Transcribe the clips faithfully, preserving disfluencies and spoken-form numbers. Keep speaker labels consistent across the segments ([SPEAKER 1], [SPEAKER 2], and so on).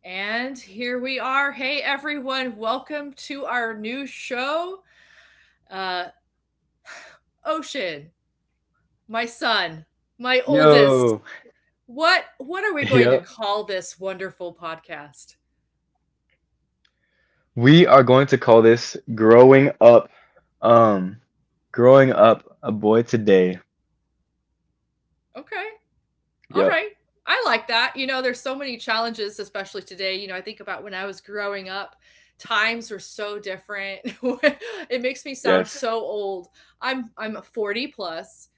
[SPEAKER 1] And here we are. Hey, everyone. Welcome to our new show. Uh, Ocean, my son, my oldest.
[SPEAKER 2] Yo,
[SPEAKER 1] What what are we going to
[SPEAKER 2] yep.
[SPEAKER 1] call this wonderful podcast?
[SPEAKER 2] We are going to call this growing up. Um, Growing up a boy today.
[SPEAKER 1] Okay. All
[SPEAKER 2] Yep.
[SPEAKER 1] right. I like that. You know, there's so many challenges, especially today. You know, I think about when I was growing up, times were so different. It makes me sound
[SPEAKER 2] Yes.
[SPEAKER 1] so old. I'm I'm forty plus.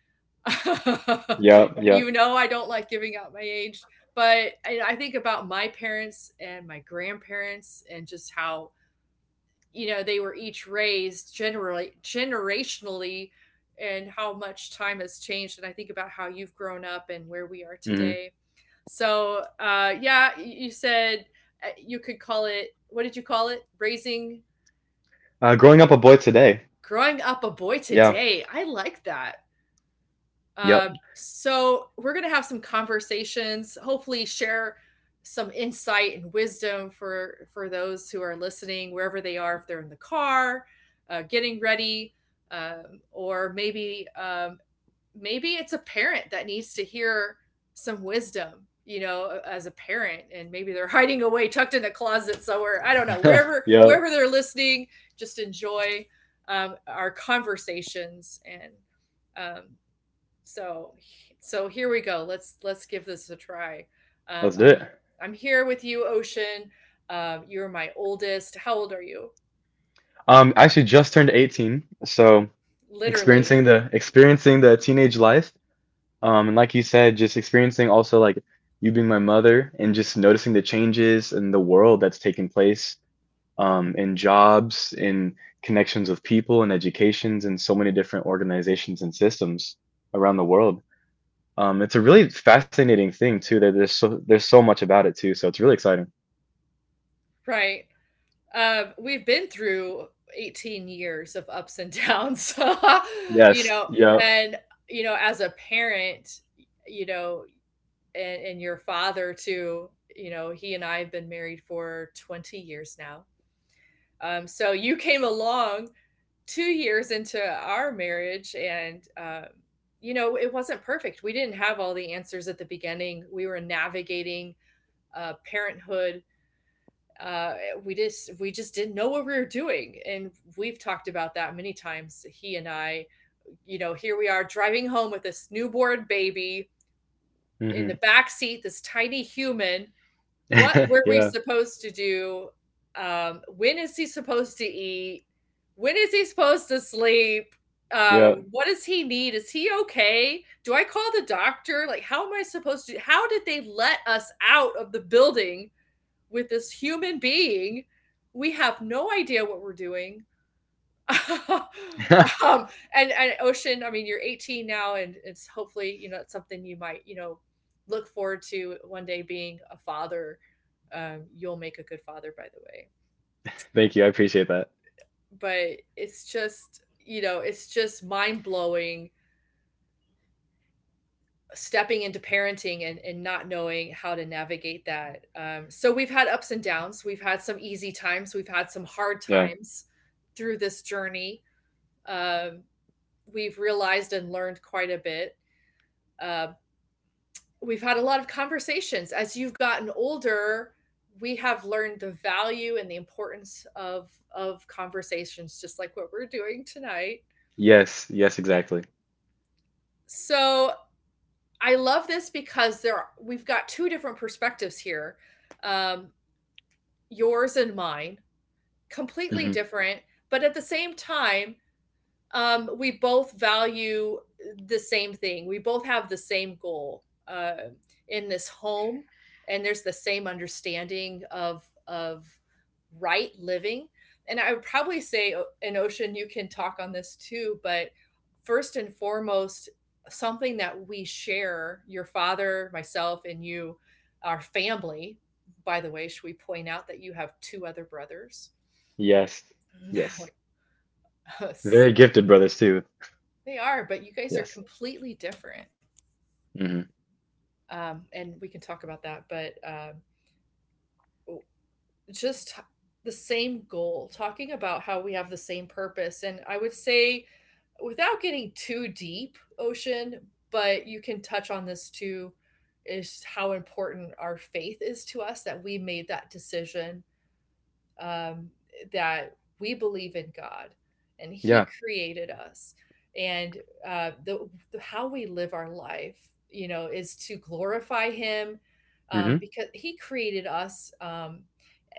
[SPEAKER 2] Yep. Yep.
[SPEAKER 1] You know, I don't like giving out my age, but I I think about my parents and my grandparents and just how, you know, they were each raised generally generationally, and how much time has changed, and I think about how you've grown up and where we are
[SPEAKER 2] hmm
[SPEAKER 1] today. So, uh, yeah, y you said, uh, you could call it, what did you call it? Raising,
[SPEAKER 2] Uh, growing up a boy today.
[SPEAKER 1] growing up a boy
[SPEAKER 2] Yeah.
[SPEAKER 1] today. I like that.
[SPEAKER 2] Yep.
[SPEAKER 1] Um, so we're going to have some conversations, hopefully share some insight and wisdom for for those who are listening wherever they are, if they're in the car, uh, getting ready, um, or maybe um, maybe it's a parent that needs to hear some wisdom, you know, as a parent, and maybe they're hiding away, tucked in a closet somewhere. I don't know, wherever
[SPEAKER 2] yep.
[SPEAKER 1] wherever they're listening, just enjoy um, our conversations. And um, so, so here we go. Let's let's give this a try. Um,
[SPEAKER 2] Let's do
[SPEAKER 1] I'm
[SPEAKER 2] it.
[SPEAKER 1] I'm here with you, Ocean. Um, you're my oldest. How old are you?
[SPEAKER 2] Um, I actually just turned eighteen, so
[SPEAKER 1] Literally,
[SPEAKER 2] experiencing the experiencing the teenage life. Um, and like you said, just experiencing also like you being my mother and just noticing the changes in the world that's taking place, um, in jobs, in connections with people, in educations, in so many different organizations and systems around the world. Um, it's a really fascinating thing too. That there's so There's so much about it too. So it's really exciting.
[SPEAKER 1] right? Um, we've been through eighteen years of ups and downs, you
[SPEAKER 2] Yes.
[SPEAKER 1] know,
[SPEAKER 2] Yeah.
[SPEAKER 1] and you know, as a parent, you know, and, and your father too, you know, he and I have been married for twenty years now. Um, so you came along two years into our marriage, and uh, you know, it wasn't perfect. We didn't have all the answers at the beginning. We were navigating uh, parenthood. Uh, we just we just didn't know what we were doing, and we've talked about that many times, he and I. You know, here we are, driving home with this newborn baby in
[SPEAKER 2] hmm
[SPEAKER 1] the back seat, this tiny human. What were we
[SPEAKER 2] Yeah.
[SPEAKER 1] supposed to do? Um, when is he supposed to eat? When is he supposed to sleep?
[SPEAKER 2] Yeah.
[SPEAKER 1] Um, what does he need? Is he okay? Do I call the doctor? Like, how am I supposed to? How did they let us out of the building with this human being? We have no idea what we're doing. um, and and Ocean, I mean, you're eighteen now, and it's hopefully, you know, it's something you might, you know, look forward to one day, being a father. Um, you'll make a good father, by the way.
[SPEAKER 2] Thank you. I appreciate that.
[SPEAKER 1] But it's just, you know, it's just mind blowing, stepping into parenting, and, and not knowing how to navigate that. Um, so we've had ups and downs. We've had some easy times. We've had some hard
[SPEAKER 2] Yeah.
[SPEAKER 1] times through this journey. Um, we've realized and learned quite a bit. Uh, we've had a lot of conversations. As you've gotten older, we have learned the value and the importance of of conversations, just like what we're doing tonight.
[SPEAKER 2] Yes. Yes. Exactly.
[SPEAKER 1] So I love this, because there are, we've got two different perspectives here, um, yours and mine, completely
[SPEAKER 2] hmm
[SPEAKER 1] different, but at the same time, um, we both value the same thing. We both have the same goal uh, in this home, and there's the same understanding of of right living. And I would probably say, in Ocean, you can talk on this too. But first and foremost, something that we share, your father, myself, and you, our family. By the way, should we point out that you have two other brothers?
[SPEAKER 2] Yes. Yes. Very gifted brothers too.
[SPEAKER 1] They are, but you guys are
[SPEAKER 2] Yes.
[SPEAKER 1] completely different.
[SPEAKER 2] hmm
[SPEAKER 1] Um, and we can talk about that, but um, just t- the same goal, talking about how we have the same purpose. And I would say, without getting too deep, Ocean, but you can touch on this too, is how important our faith is to us, that we made that decision, um, that we believe in God and He
[SPEAKER 2] Yeah.
[SPEAKER 1] created us. And uh, the, the how we live our life, you know, is to glorify Him, um,
[SPEAKER 2] hmm
[SPEAKER 1] because He created us um,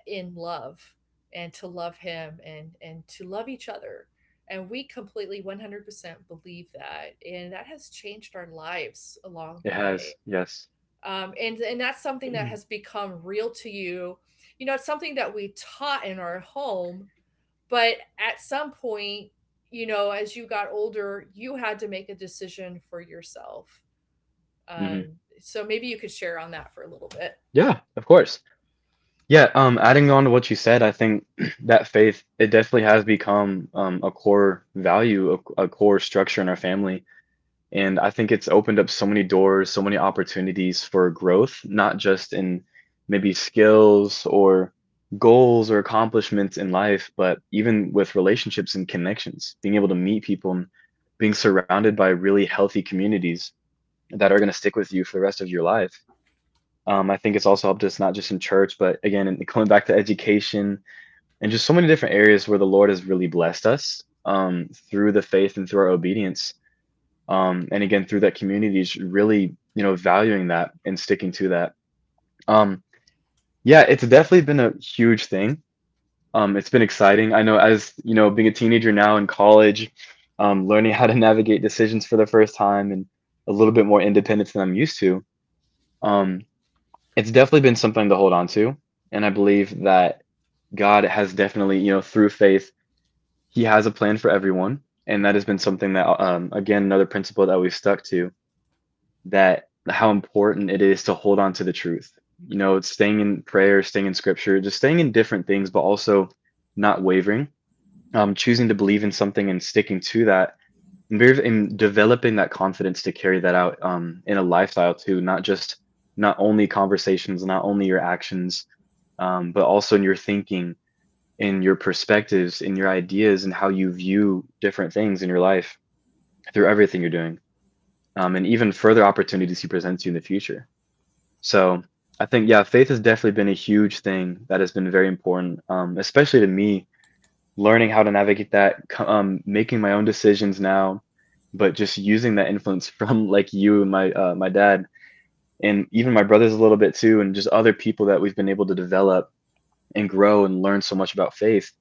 [SPEAKER 1] in love, and to love Him, and and to love each other. And we completely one hundred percent believe that. And that has changed our lives along the
[SPEAKER 2] It
[SPEAKER 1] way,
[SPEAKER 2] has. Yes.
[SPEAKER 1] um, and and that's something that has become real to you. You know, it's something that we taught in our home, but at some point, you know, as you got older, you had to make a decision for yourself.
[SPEAKER 2] hmm
[SPEAKER 1] Um, so maybe you could share on that for a little bit.
[SPEAKER 2] Yeah. Of course. Yeah, um, adding on to what you said, I think that faith, it definitely has become um, a core value, a, a core structure in our family. And I think it's opened up so many doors, so many opportunities for growth, not just in maybe skills or goals or accomplishments in life, but even with relationships and connections, being able to meet people and being surrounded by really healthy communities that are going to stick with you for the rest of your life. Um, I think it's also helped us not just in church, but again, in going back to education and just so many different areas where the Lord has really blessed us um, through the faith and through our obedience. Um, and again, through that community, is really you know valuing that and sticking to that. Um, yeah, it's definitely been a huge thing. Um, it's been exciting. I know as you know, being a teenager now in college, um, learning how to navigate decisions for the first time and a little bit more independence than I'm used to. Um, it's definitely been something to hold on to. And I believe that God has definitely, you know, through faith, He has a plan for everyone. And that has been something that, um, again, another principle that we've stuck to, that how important it is to hold on to the truth. You know, it's staying in prayer, staying in scripture, just staying in different things, but also not wavering, um, choosing to believe in something and sticking to that, and very in developing that confidence to carry that out um, in a lifestyle too, not just not only conversations, not only your actions, um, but also in your thinking, in your perspectives, in your ideas, and how you view different things in your life through everything you're doing, um, and even further opportunities he presents you in the future. So I think yeah, faith has definitely been a huge thing that has been very important, um, especially to me learning how to navigate that, co- um, making my own decisions now, but just using that influence from like you and my uh, my dad and even my brothers a little bit too, and just other people that we've been able to develop and grow and learn so much about faith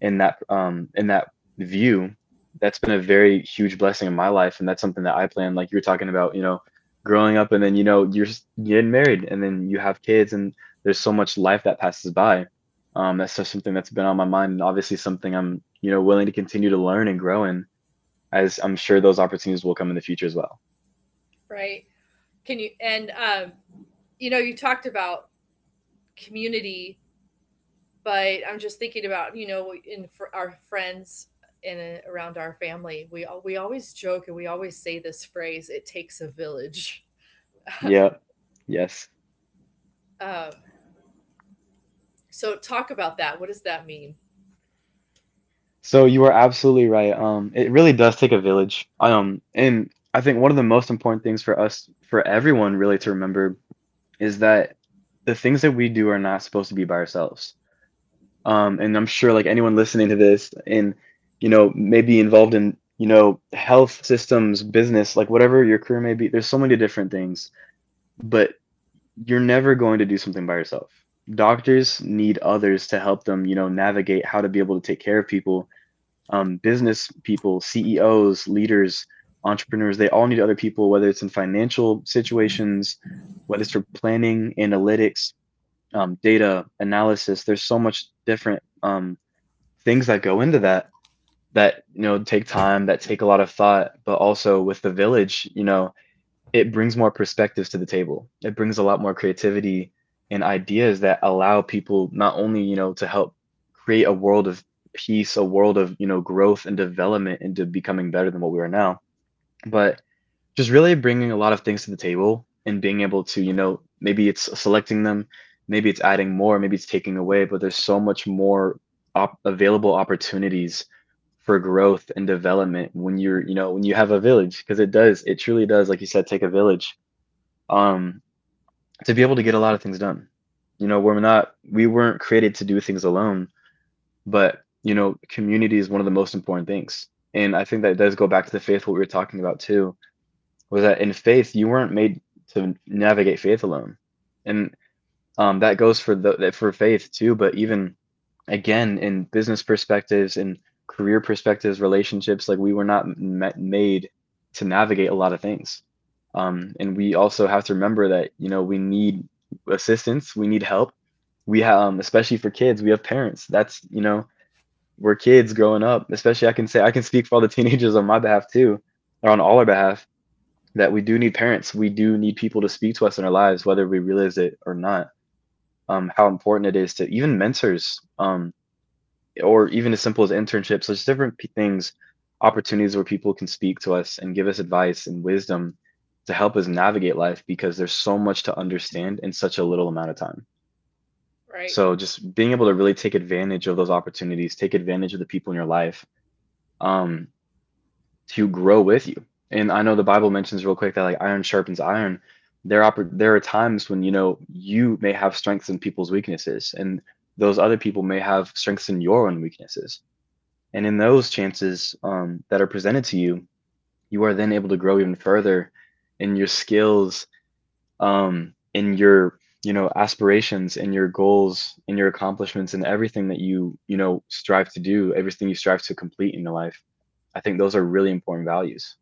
[SPEAKER 2] in that um in that view. That's been a very huge blessing in my life, and that's something that I plan, like you were talking about, you know, growing up, and then you know you're s- getting married, and then you have kids, and there's so much life that passes by. Um that's just something that's been on my mind, and obviously something I'm you know willing to continue to learn and grow in, as I'm sure those opportunities will come in the future as well.
[SPEAKER 1] Right. Can you and, um, you know, you talked about community, but I'm just thinking about, you know, in for our friends, and uh, around our family, we al- we always joke and we always say this phrase, it takes a village.
[SPEAKER 2] Yeah. Yes.
[SPEAKER 1] Um, so talk about that. What does that mean?
[SPEAKER 2] So you are absolutely right. Um, it really does take a village. Um, and I think one of the most important things for us, for everyone really to remember, is that the things that we do are not supposed to be by ourselves. Um, and I'm sure like anyone listening to this and, you know, maybe involved in, you know, health systems, business, like whatever your career may be, there's so many different things, but you're never going to do something by yourself. Doctors need others to help them, you know, navigate how to be able to take care of people, um, business people, C E Os, leaders, entrepreneurs, they all need other people, whether it's in financial situations, whether it's for planning, analytics, um, data analysis. There's so much different um, things that go into that, that you know take time, that take a lot of thought. But also with the village, you know, it brings more perspectives to the table. It brings a lot more creativity and ideas that allow people not only, you know, to help create a world of peace, a world of, you know, growth and development into becoming better than what we are now, but just really bringing a lot of things to the table and being able to, you know, maybe it's selecting them, maybe it's adding more, maybe it's taking away, but there's so much more op- available opportunities for growth and development when you're, you know, when you have a village, because it does, it truly does, like you said, take a village, um, to be able to get a lot of things done. You know, we're not, we weren't created to do things alone, but you know, community is one of the most important things. And I think that does go back to the faith what we were talking about too, was that in faith you weren't made to navigate faith alone, and um, that goes for the for faith too. But even again, in business perspectives and career perspectives, relationships, like we were not ma- made to navigate a lot of things. Um, and we also have to remember that you know we need assistance, we need help. We have, um, especially for kids, we have parents. That's you know we're kids growing up. Especially I can say I can speak for all the teenagers on my behalf too, or on all our behalf, that we do need parents. We do need people to speak to us in our lives, whether we realize it or not. Um, how important it is to even mentors, um, or even as simple as internships. There's different p- things, opportunities where people can speak to us and give us advice and wisdom to help us navigate life, because there's so much to understand in such a little amount of time.
[SPEAKER 1] Right?
[SPEAKER 2] So just being able to really take advantage of those opportunities, take advantage of the people in your life, um, to grow with you. And I know the Bible mentions real quick that like iron sharpens iron. There are there are times when you know you may have strengths in people's weaknesses, and those other people may have strengths in your own weaknesses. And in those chances um, that are presented to you, you are then able to grow even further in your skills, um, in your you know aspirations, in your goals, in your accomplishments, and everything that you you know strive to do, everything you strive to complete in your life. I think those are really important values.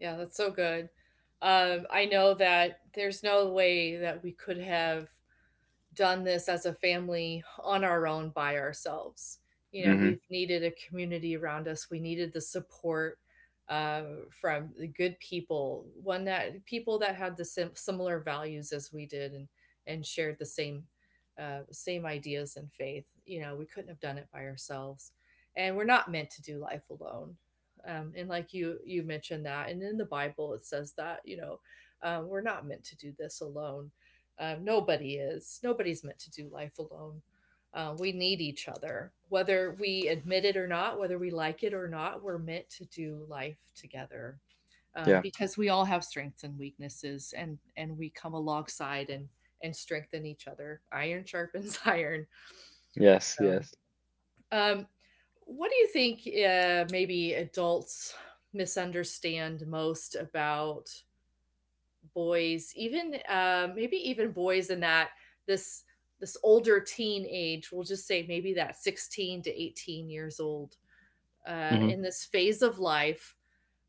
[SPEAKER 1] Yeah, that's so good. Um, I know that there's no way that we could have done this as a family on our own, by ourselves. You know,
[SPEAKER 2] Hmm
[SPEAKER 1] we've needed a community around us. We needed the support uh, from the good people, one that people that had the sim- similar values as we did, and and shared the same uh, same ideas and faith. You know, we couldn't have done it by ourselves, and we're not meant to do life alone. Um, and like you you mentioned that, and in the Bible it says that, you know, uh, we're not meant to do this alone. Uh, nobody is. Nobody's meant to do life alone. Uh, we need each other. Whether we admit it or not, whether we like it or not, we're meant to do life together, uh,
[SPEAKER 2] Yeah.
[SPEAKER 1] because we all have strengths and weaknesses, and and we come alongside and and strengthen each other. Iron sharpens iron.
[SPEAKER 2] Yes,
[SPEAKER 1] So,
[SPEAKER 2] yes.
[SPEAKER 1] um, what do you think uh, maybe adults misunderstand most about boys, even uh, maybe even boys in that this this older teen age? We'll just say maybe that sixteen to eighteen years old, uh,
[SPEAKER 2] hmm
[SPEAKER 1] in this phase of life.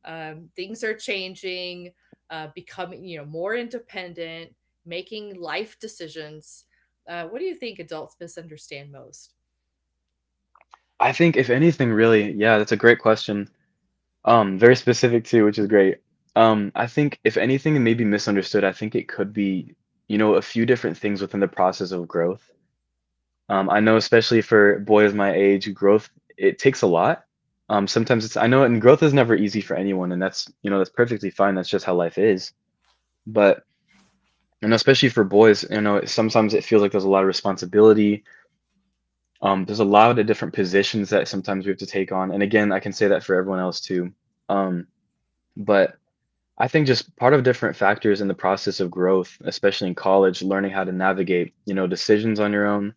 [SPEAKER 1] Um, things are changing, uh, becoming, you know, more independent, making life decisions. Uh, what do you think adults misunderstand most?
[SPEAKER 2] I think if anything, really, yeah, that's a great question. Um, very specific too, which is great. Um, I think if anything it may misunderstood, I think it could be, you know, a few different things within the process of growth. Um, I know especially for boys my age, growth it takes a lot. Um, sometimes it's I know, and growth is never easy for anyone, and that's you know that's perfectly fine. That's just how life is. But you know, especially for boys, you know, sometimes it feels like there's a lot of responsibility. Um, there's a lot of the different positions that sometimes we have to take on. And again, I can say that for everyone else too. Um, but I think just part of different factors in the process of growth, especially in college, learning how to navigate, you know, decisions on your own,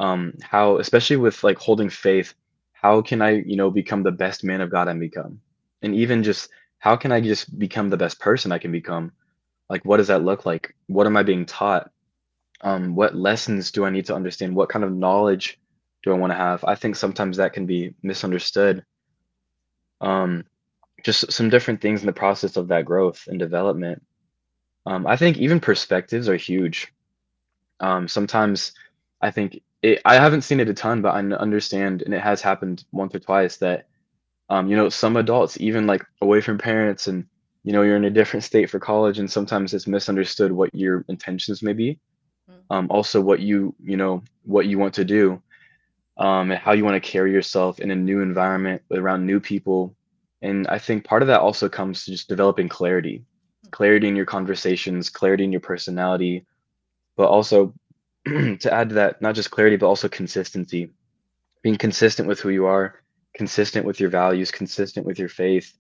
[SPEAKER 2] um, how, especially with like holding faith, how can I, you know, become the best man of God I become? And even just how can I just become the best person I can become? Like, what does that look like? What am I being taught? Um, what lessons do I need to understand? What kind of knowledge do I want to have? I think sometimes that can be misunderstood. Um, just some different things in the process of that growth and development. Um, I think even perspectives are huge. Um, sometimes I think it, I haven't seen it a ton, but I n- understand, and it has happened once or twice that um, you know some adults, even like away from parents, and you know you're in a different state for college, and sometimes it's misunderstood what your intentions may be.
[SPEAKER 1] Mm-hmm.
[SPEAKER 2] Um, also, what you you know what you want to do, um, and how you want to carry yourself in a new environment around new people. And I think part of that also comes to just developing clarity, clarity in your conversations, clarity in your personality, but also to add to that, not just clarity, but also consistency, being consistent with who you are, consistent with your values, consistent with your faith,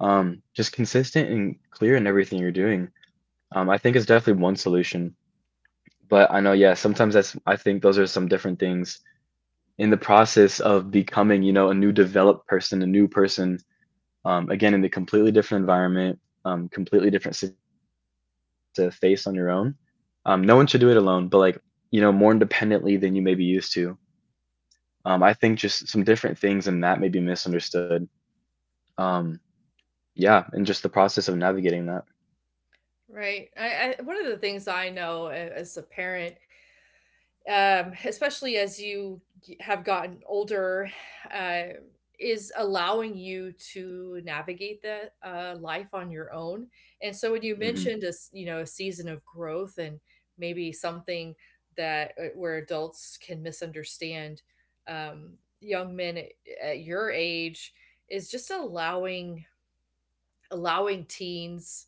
[SPEAKER 2] um, just consistent and clear in everything you're doing. Um, I think is definitely one solution. But I know, yeah, sometimes that's, I think those are some different things in the process of becoming, you know, a new developed person, a new person, um, again, in the completely different environment, um, completely different situations that you may have to face on your own. Um, no one should do it alone, but like, you know, more independently than you may be used to. Um, I think just some different things and that may be misunderstood. Um, yeah, and just the process of navigating that.
[SPEAKER 1] Right. I, I, one of the things I know as a parent, um, especially as you have gotten older, uh, is allowing you to navigate that uh, life on your own. And so when you
[SPEAKER 2] Hmm.
[SPEAKER 1] mentioned a s- you know, a season of growth, and maybe something that uh, where adults can misunderstand, um, young men at, at your age, is just allowing allowing teens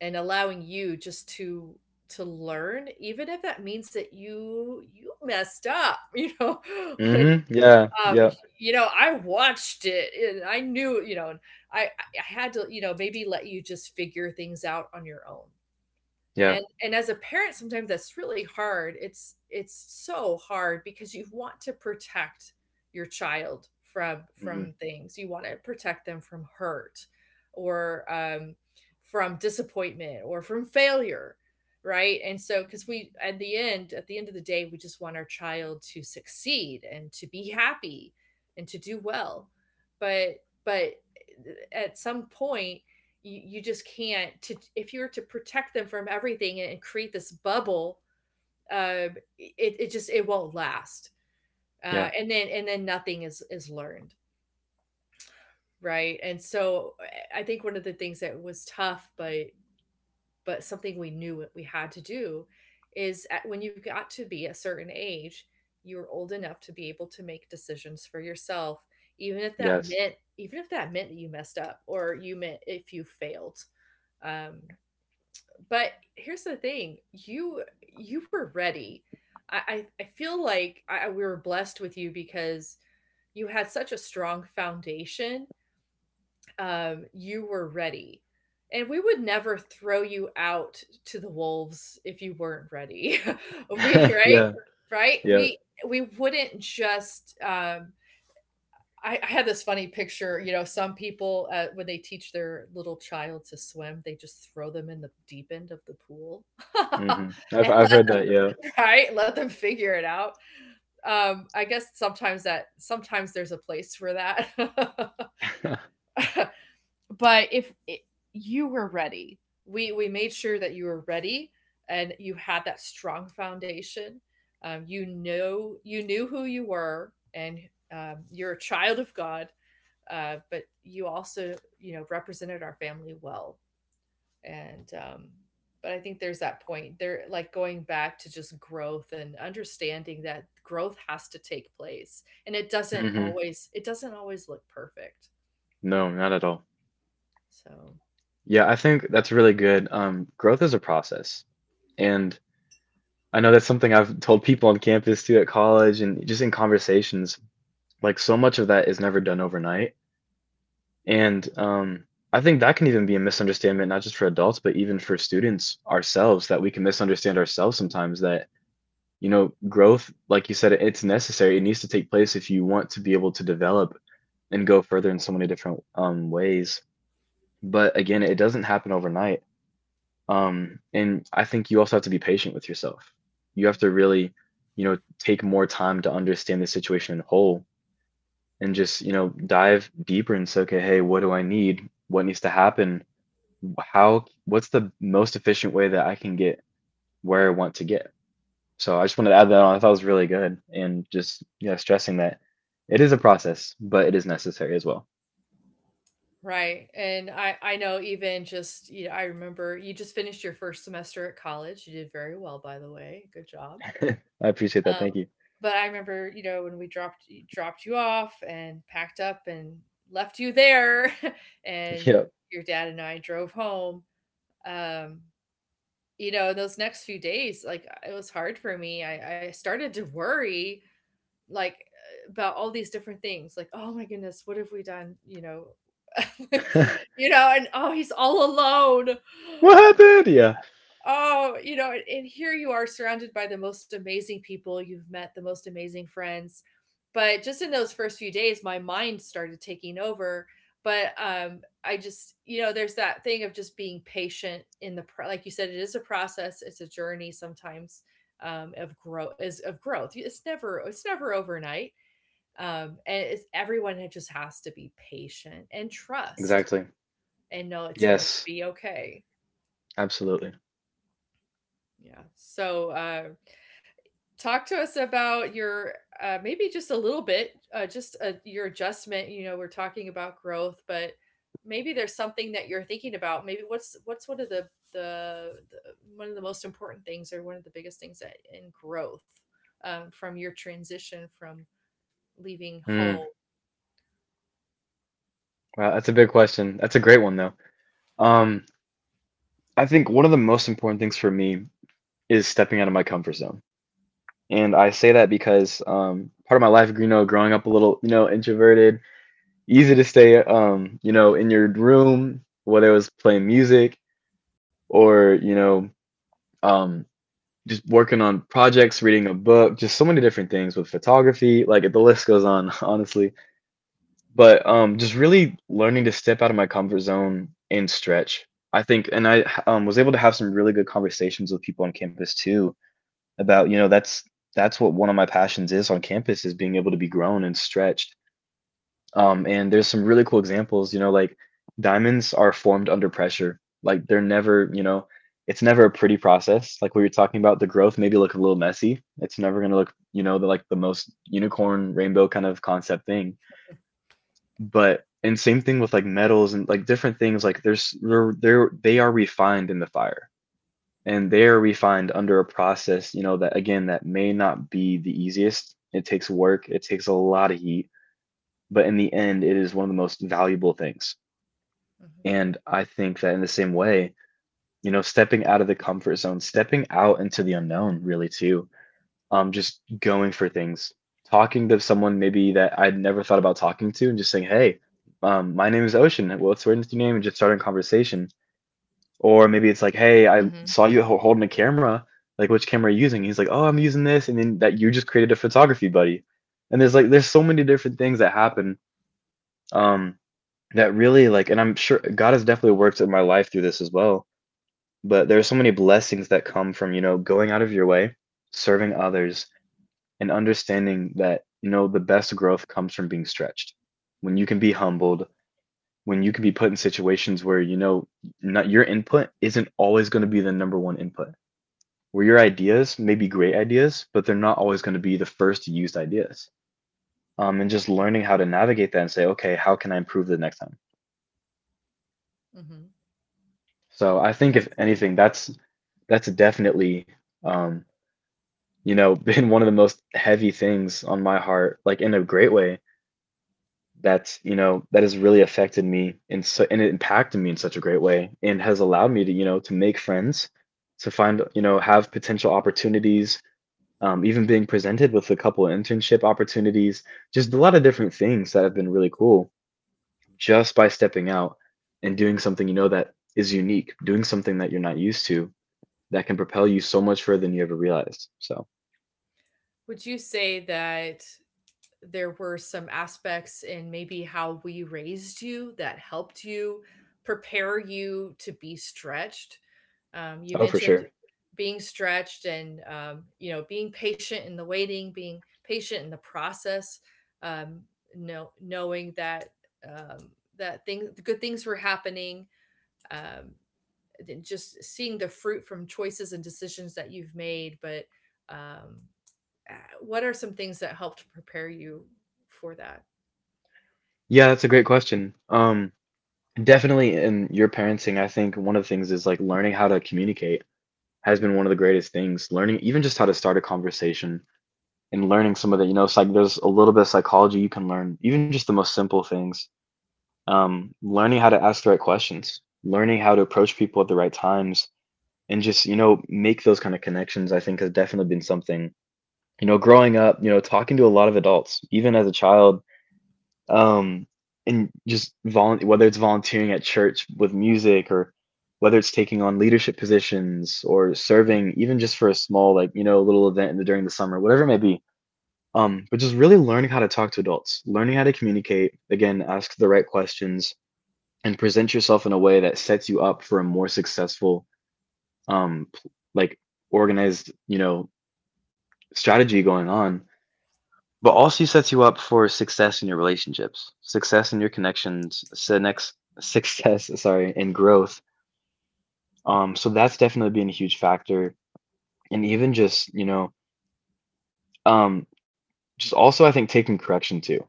[SPEAKER 1] and allowing you just to to learn, even if that means that you you messed up, you know. But,
[SPEAKER 2] Hmm. Yeah.
[SPEAKER 1] um,
[SPEAKER 2] Yeah.
[SPEAKER 1] you know, I watched it and I knew, you know, and i i I had to, you know, maybe let you just figure things out on your own.
[SPEAKER 2] Yeah.
[SPEAKER 1] and and as a parent, sometimes that's really hard. it's it's so hard, because you want to protect your child from
[SPEAKER 2] Hmm.
[SPEAKER 1] from things. You want to protect them from hurt, or um, from disappointment or from failure, right? And so, because we, at the end at the end of the day, we just want our child to succeed and to be happy and to do well. But but eh, at some point, you, you just can't to, if you're to protect them from everything and create this bubble, uh, it, it just, it won't last, uh,
[SPEAKER 2] Yeah.
[SPEAKER 1] and then and then nothing is is learned, right? And so I think one of the things that was tough, but but something we knew we had to do, is at, when you have got to be a certain age, you are old enough to be able to make decisions for yourself, even if that
[SPEAKER 2] Yes.
[SPEAKER 1] meant, even if that meant that you messed up, or you meant if you failed. Um, but here's the thing, you you were ready. I I, I feel like I, I- we were blessed with you, because you had such a strong foundation. Um, you were ready. And we would never throw you out to the wolves if you weren't ready. We, right?
[SPEAKER 2] Yeah.
[SPEAKER 1] Right?
[SPEAKER 2] Yeah.
[SPEAKER 1] We we wouldn't just um, I, I had this funny picture. You know, some people, uh, when they teach their little child to swim, they just throw them in the deep end of the pool
[SPEAKER 2] Hmm. I've
[SPEAKER 1] and
[SPEAKER 2] I've
[SPEAKER 1] let
[SPEAKER 2] heard that. Yeah.
[SPEAKER 1] them try, let them figure it out. Um, I guess sometimes that, sometimes there's a place for that. But if it, you were ready. We we made sure that you were ready, and you had that strong foundation. Um, you know, you knew who you were, and um, you're a child of God, uh, but you also, you know, represented our family well. And um, But I think there's that point there, like going back to just growth and understanding that growth has to take place, and it doesn't
[SPEAKER 2] Hmm.
[SPEAKER 1] always, it doesn't always look perfect.
[SPEAKER 2] No, not at all.
[SPEAKER 1] So
[SPEAKER 2] Yeah, I think that's really good. Um, growth is a process. And I know that's something I've told people on campus too at college and just in conversations. Like so much of that is never done overnight. And um, I think that can even be a misunderstanding, not just for adults, but even for students ourselves, that we can misunderstand ourselves sometimes that, you know, growth, like you said, it's necessary. It needs to take place if you want to be able to develop and go further in so many different um, ways. But again, it doesn't happen overnight. Um, and I think you also have to be patient with yourself. You have
[SPEAKER 1] mm,
[SPEAKER 2] to really, you know, take more time to understand the situation in whole and just, you know, dive deeper and say, okay, hey, what do I need? What needs to happen? How, what's the most efficient way that I can get where I want to get? So I just wanted to add that on. I thought it was really good and just, yeah, stressing that it is a process, but it is necessary as well.
[SPEAKER 1] right. And i i know, even just, you know, I remember you just finished your first semester at college. You did very well, by the way. Good job.
[SPEAKER 2] I appreciate that.
[SPEAKER 1] Um,
[SPEAKER 2] Thank you.
[SPEAKER 1] but I remember, you know, when we dropped dropped you off and packed up and left you there, and
[SPEAKER 2] Yep.
[SPEAKER 1] your dad and I drove home. Um, you know, those next few days, like uh, it was hard for me. I, I started to worry, like uh, about all these different things. Like, oh my goodness, what have we done? You know, you know, and oh, he's all alone.
[SPEAKER 2] What happened? Yeah,
[SPEAKER 1] Oh, you know, and and here you are surrounded by the most amazing people you've met, the most amazing friends. But just in those first few days, my mind started taking over. But um, I just, you know, there's that thing of just being patient in the, pro- like you said, it is a process. It's a journey sometimes, um, of growth. Is of growth. It's never, it's never overnight. Um, and it's, everyone had- just has to be patient and trust
[SPEAKER 2] exactly.
[SPEAKER 1] and know it's going to
[SPEAKER 2] Yes,
[SPEAKER 1] be okay.
[SPEAKER 2] absolutely.
[SPEAKER 1] Yeah. So. Uh, talk to us about your uh, maybe just a little bit, uh, just uh your adjustment. You know, we're talking about growth, but maybe there's something that you're thinking about. Maybe what's what's one of the the, the one of the most important things or one of the biggest things that in growth, um, from your transition from leaving
[SPEAKER 2] Hmm.
[SPEAKER 1] Hull.
[SPEAKER 2] Wow, that's a big question. That's a great one though. Um, I think one of the most important things for me is stepping out of my comfort zone. And I say that because um part of my life, you know, growing up a little, you know, introverted, easy to stay um, you know, in your room, whether it was playing music or, you know, um just working on projects, reading a book, just so many different things with photography, like the list goes on, honestly. But um, just really learning to step out of my comfort zone and stretch. I think, and I um, was able to have some really good conversations with people on campus too about, you know, that's that's what one of my passions is on campus is being able to be grown and stretched. Um, and there's some really cool examples, you know, like diamonds are formed under pressure. Like they're never, you know, it's never a pretty process. Like we were talking about, the growth maybe look a little messy. It's never gonna look, you know, the, like the most unicorn rainbow kind of concept thing, but and same thing with like metals and like different things like there's they're, they're they are refined in the fire, and they are refined under a process, you know, that again that may not be the easiest. It takes work, it takes a lot of heat, but in the end it is one of the most valuable things.
[SPEAKER 1] Hmm.
[SPEAKER 2] And I think that in the same way, you know, stepping out of the comfort zone, stepping out into the unknown really too, um, just going for things, talking to someone maybe that I'd never thought about talking to, and just saying, "Hey, um, my name is Ocean. What's your name?" and just starting a
[SPEAKER 1] Hmm.
[SPEAKER 2] conversation. Or maybe it's like, "Hey, I saw you ho- holding a camera. Like, which camera are you using?" He's like, "Oh, I'm using this," and then that you just created a photography buddy. And there's like there's so many different things that happen, um, that really like, and I'm sure God has definitely worked in my life through this as well. But there are so many blessings that come from, you know, going out of your way, serving others and understanding that, you know, the best growth comes from being stretched, when you can be humbled, when you can be put in situations where, you know, not your input isn't always going to be the number one input, where your ideas may be great ideas but they're not always going to be the first used ideas, um, and just learning how to navigate that and say, okay, how can I improve the next time.
[SPEAKER 1] Hmm.
[SPEAKER 2] So I think
[SPEAKER 1] That's
[SPEAKER 2] if
[SPEAKER 1] good.
[SPEAKER 2] anything, that's that's definitely, um, you know, been one of the most heavy things on my heart, like in a great way, that's you know that has really affected me. And so, and it impacted me in such a great way, and has allowed me to, you know, to make friends, to find, you know, have potential opportunities, um, even being presented with a couple of internship opportunities, just a lot of different things that have been really cool just by stepping out and doing something, you know, that is unique, doing something that you're not used to, that can propel you so much further than you ever realized. So
[SPEAKER 1] Would you say that there were some aspects in maybe how we raised you that helped you prepare you to be stretched? Um, you
[SPEAKER 2] oh for
[SPEAKER 1] mentioned
[SPEAKER 2] sure.
[SPEAKER 1] being stretched and, um, you know, being patient in the waiting, being patient in the process, um, know, knowing that, um, that thing, good things were happening, um, just seeing the fruit from choices and decisions that you've made. But um, uh, what are some things that helped prepare you for that?
[SPEAKER 2] Yeah, that's a great question. um Definitely in your parenting, I think one of the things is like learning how to communicate has been one of the greatest things. Learning even just how to start a conversation and learning some of the, you know, it's like there's a little bit of psychology you can learn, even just the most simple things. Um, learning how to ask the right questions, learning how to approach people at the right times, and just, you know, make those kind of connections, I think has definitely been something, you know, growing up, you know, talking to a lot of adults, even as a child, um, and just volun whether it's volunteering at church with music or whether it's taking on leadership positions or serving even just for a small, like, you know, little event in the, during the summer, whatever it may be, um, but just really learning how to talk to adults, learning how to communicate, again, ask the right questions and present yourself in a way that sets you up for a more successful, um, p- like organized, you know, strategy going on, but also sets you up for success in your relationships, success in your connections, so next success, sorry, and growth. Um, so that's definitely been a huge factor, and even just, you know, um, just also I think taking correction too,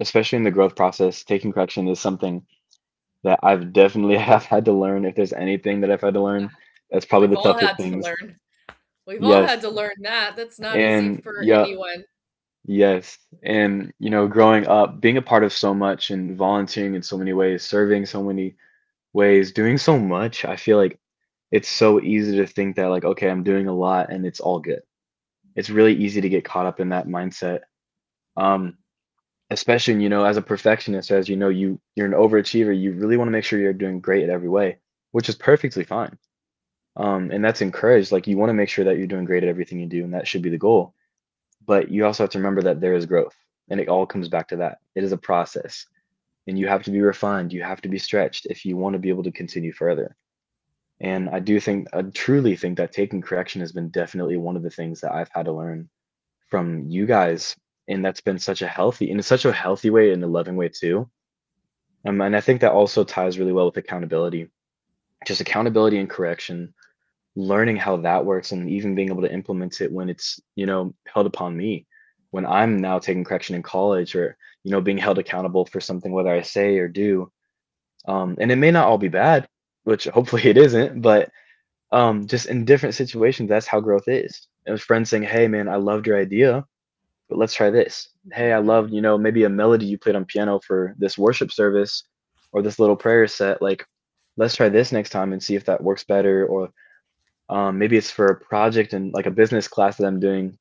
[SPEAKER 2] especially in the
[SPEAKER 1] Mm.
[SPEAKER 2] growth process. Taking correction is something that I've definitely have had to learn. If there's anything that I've had to learn, that's
[SPEAKER 1] We've
[SPEAKER 2] probably the
[SPEAKER 1] all had
[SPEAKER 2] toughest
[SPEAKER 1] to
[SPEAKER 2] things.
[SPEAKER 1] learn. We've all had
[SPEAKER 2] Yes,
[SPEAKER 1] to learn that. That's not easy for
[SPEAKER 2] and yeah,
[SPEAKER 1] anyone.
[SPEAKER 2] yes. And, you know, growing up, being a part of so much and volunteering in so many ways, serving so many ways, doing so much, I feel like it's so easy to think that like, okay, I'm doing a lot and it's all good. It's really easy to get caught up in that mindset. Um, Especially, you know, as a perfectionist, as you know, you you're an overachiever, you really want to make sure you're doing great at every way, which is perfectly fine. Um, and that's encouraged. Like you want to make sure that you're doing great at everything you do, and that should be the goal. But you also have to remember that there is growth, and it all comes back to that. It is a process, and you have to be refined. You have to be stretched if you want to be able to continue further. And I
[SPEAKER 1] Mhm,
[SPEAKER 2] do think, I truly think that taking correction has been definitely one of the things that I've had to learn from you guys. And that's been such a healthy, in such a healthy way and a loving way too. Um, and I think that also ties really well with accountability, just accountability and correction, learning how that works and even being able to implement it when it's, you know, held upon me. When I'm now taking correction in college or, you know, being held accountable for something, whether I say or do. Um, and it may not all be bad, which hopefully it isn't, but um, just in different situations, that's how growth is. It was friends saying, "Hey, man, I loved your idea, but let's try this." Hey, I
[SPEAKER 1] mhm,
[SPEAKER 2] loved, you know, maybe a melody you played on piano for this worship service or this little prayer set. Like, let's try this next time and see if that works better. Or um, maybe it's for a project and like a business class that I'm doing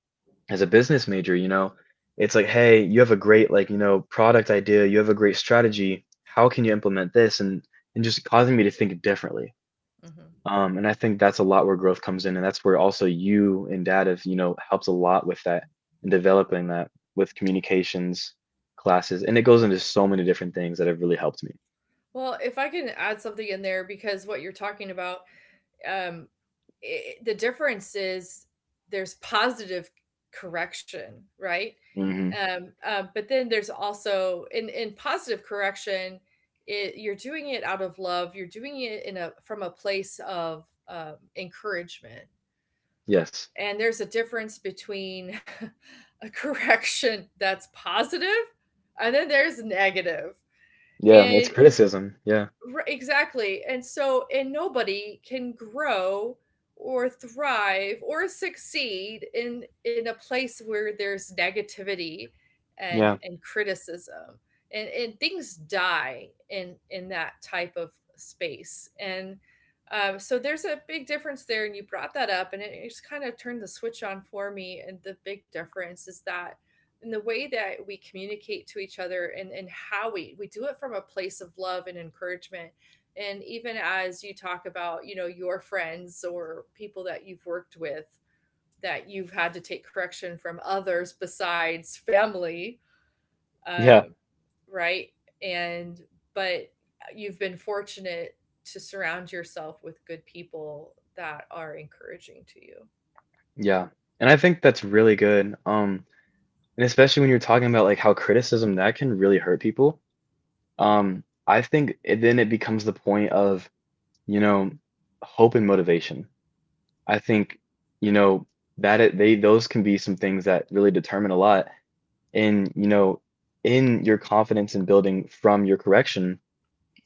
[SPEAKER 2] as a business major. You know, it's like, hey, you have a great, like, you know product idea. You have a great strategy. How can you implement this? And and just causing me to think differently.
[SPEAKER 1] mhm.
[SPEAKER 2] Um, and I think that's a lot where growth comes in, and that's where also you and dad have, you know, helped a lot with that and developing that with communications classes, and it goes into so many different things that have really helped me.
[SPEAKER 1] Well, if I can add something in there, because what you're talking about, um, I the difference is there's positive correction, right?
[SPEAKER 2] Hmm.
[SPEAKER 1] Um, um, but then there's also in in positive correction, it, you're doing it out of love. You're doing it in a from a place of, um, encouragement.
[SPEAKER 2] Yes.
[SPEAKER 1] And there's a difference between a correction that's positive and then there's negative.
[SPEAKER 2] Yeah, it's
[SPEAKER 1] And
[SPEAKER 2] criticism. Yeah.
[SPEAKER 1] Ri exactly. And so, and nobody can grow or thrive or succeed in in a place where there's negativity and
[SPEAKER 2] Yeah.
[SPEAKER 1] and criticism. And and things die in in that type of space. And um, so there's a big difference there, and you brought that up, and it it just kind of turned the switch on for me, and the big difference is that and the way that we communicate to each other, and, and how we we do it from a place of love and encouragement. And even as you talk about, you know, your friends or people that you've worked with, that you've had to take correction from others besides family,
[SPEAKER 2] Yeah.
[SPEAKER 1] um, right, and but you've been fortunate to surround yourself with good people that are encouraging to you.
[SPEAKER 2] Yeah. And I think that's really good. Um, and especially when you're talking about like how criticism that can really hurt people. Um, I think it, then it becomes the point of, you know, hope and motivation. I think, you know, that it, they those can be some things that really determine a lot in, you know, in your confidence in building from your correction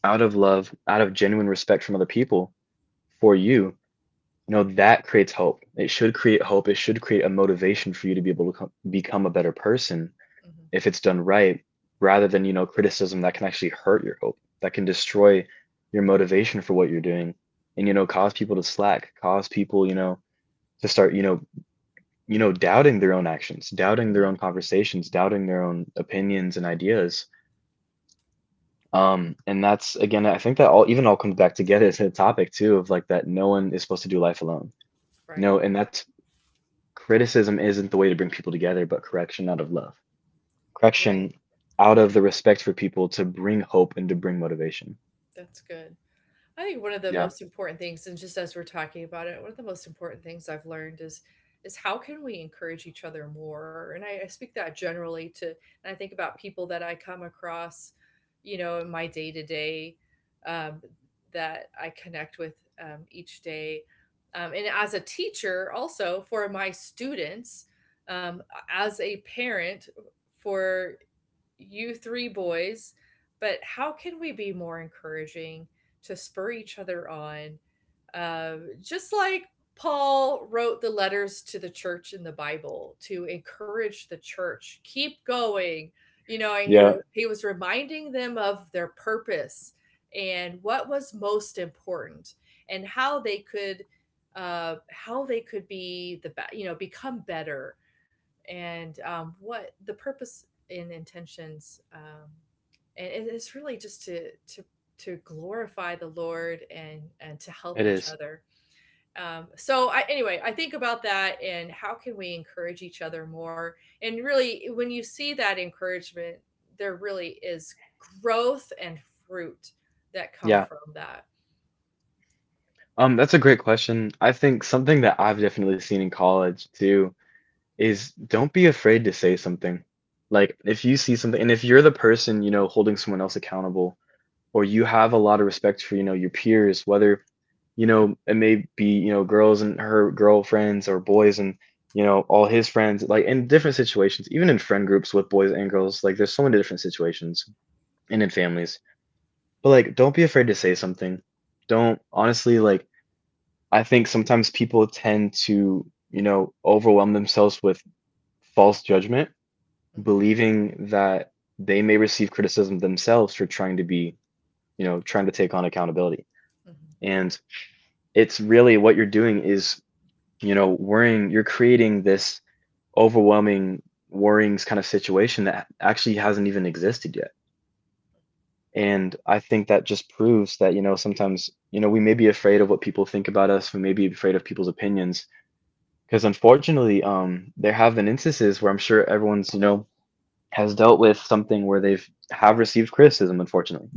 [SPEAKER 2] out of love, out of genuine respect from other people for you. You know, that creates hope. It should create hope. It should create a motivation for you to be able to co- become a better person
[SPEAKER 1] Mm-hmm.
[SPEAKER 2] if it's done right, rather than, you know, criticism that can actually hurt your hope, that can destroy your motivation for what you're doing and, you know, cause people to slack, cause people, you know, to start, you know, you know, doubting their own actions, doubting their
[SPEAKER 1] Mm-hmm.
[SPEAKER 2] own conversations, doubting their own opinions and ideas. Um, and that's again, I think that all even all comes back together to the topic too of like that no one is supposed to do life alone. You
[SPEAKER 1] Right.
[SPEAKER 2] know, and that's criticism isn't the way to bring people together, but correction out of love.
[SPEAKER 1] Right.
[SPEAKER 2] Correction out of the respect for people to bring hope and to bring motivation.
[SPEAKER 1] That's good. I think one of the
[SPEAKER 2] Yeah.
[SPEAKER 1] most important things, and just as we're talking about it, one of the most important things I've learned is is how can we encourage each other more? And I, I speak that generally to, and I think about people that I come across, you know, in my day to day, that I connect with, um, each day, um, and as a teacher, also for my students, um, as a parent, for you three boys, but how can we be more encouraging to spur each other on? Uh, just like Paul wrote the letters to the church in the Bible to encourage the church, keep going. You know, and he
[SPEAKER 2] Yeah,
[SPEAKER 1] he was reminding them of their purpose and what was most important and how they could, uh, how they could be the be- you know, become better and, um, what the purpose and intentions, um, and, and it's really just to to to glorify the Lord and and to help
[SPEAKER 2] it
[SPEAKER 1] each
[SPEAKER 2] is.
[SPEAKER 1] other. Um, so I, anyway, I think about that and how can we encourage each other more, and really when you see that encouragement, there really is growth and fruit that come
[SPEAKER 2] Yeah.
[SPEAKER 1] from that.
[SPEAKER 2] Um, that's a great question. I think something that I've definitely seen in college too is don't be afraid to say something. Like if you see something and if you're the person, you know, holding someone else accountable or you have a lot of respect for, you know, your peers, whether, you know, it may be, you know, girls and her girlfriends or boys and, you know, all his friends, like in different situations, even in friend groups with boys and girls, like there's so many different situations and in families. But like don't be afraid to say something. Don't honestly, like, I think sometimes people tend to, you know, overwhelm themselves with false judgment,
[SPEAKER 1] Mm,
[SPEAKER 2] believing that they may receive criticism themselves for trying to be, you know, trying to take on accountability.
[SPEAKER 1] mhm,
[SPEAKER 2] And it's really what you're doing is, you know, worrying, you're creating this overwhelming, worrying kind of situation that actually hasn't even existed yet. And I think that just proves that, you know, sometimes, you know, we may be afraid of what people think about us. We may be afraid of people's opinions. Because unfortunately, um, there have been instances where I'm sure everyone's, you know, has dealt with something where they've have received criticism, unfortunately.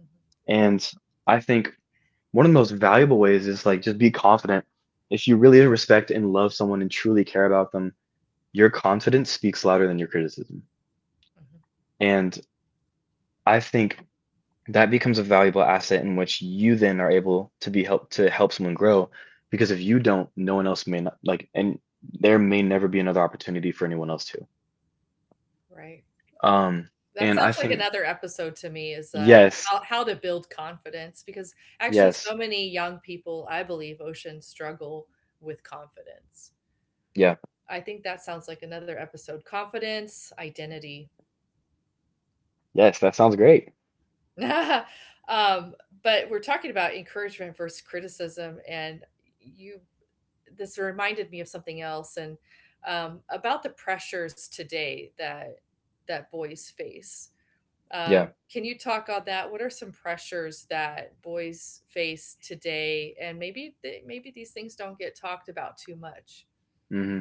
[SPEAKER 1] mhm,
[SPEAKER 2] And I think one of the most valuable ways is like just be confident. If you really respect and love someone and truly care about them, your confidence speaks louder than your criticism.
[SPEAKER 1] mhm.
[SPEAKER 2] And I think that becomes a valuable asset in which you then are able to be help to help someone grow, because if you don't, no one else may not like and there may never be another opportunity for anyone else to.
[SPEAKER 1] Right.
[SPEAKER 2] Um
[SPEAKER 1] That
[SPEAKER 2] and
[SPEAKER 1] sounds
[SPEAKER 2] I
[SPEAKER 1] like
[SPEAKER 2] think
[SPEAKER 1] another episode to me is, uh,
[SPEAKER 2] yes,
[SPEAKER 1] how how to build confidence, because actually
[SPEAKER 2] yes,
[SPEAKER 1] so many young people, I believe, Ocean, struggle with confidence.
[SPEAKER 2] yeah.
[SPEAKER 1] I think that sounds like another episode. Confidence, identity.
[SPEAKER 2] Yes, that sounds great.
[SPEAKER 1] Um, but we're talking about encouragement versus criticism, and you, this reminded me of something else, and, um, about the pressures today that that boys face.
[SPEAKER 2] Yeah.
[SPEAKER 1] Um, can you talk on that? What are some pressures that boys face today, and maybe they, maybe these things don't get talked about too much?
[SPEAKER 2] Hmm.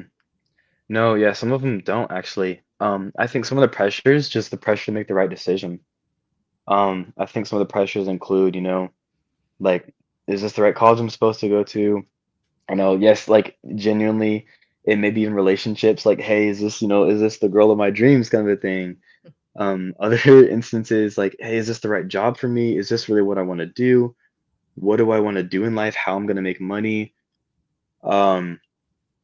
[SPEAKER 2] No, yeah, some of them don't actually. Um, I think some of the pressures, just the pressure to make the right decision. Um, I think some of the pressures include, you know, like, is this the right college I'm supposed to go to? I know, yes, like genuinely, and maybe even relationships, like, hey, is this, you know, is this the girl of my dreams kind of a thing? Um, other instances, like, hey, is this the right job for me? Is this really what I want to do? What do I want to do in life? How I'm gonna make money? Um,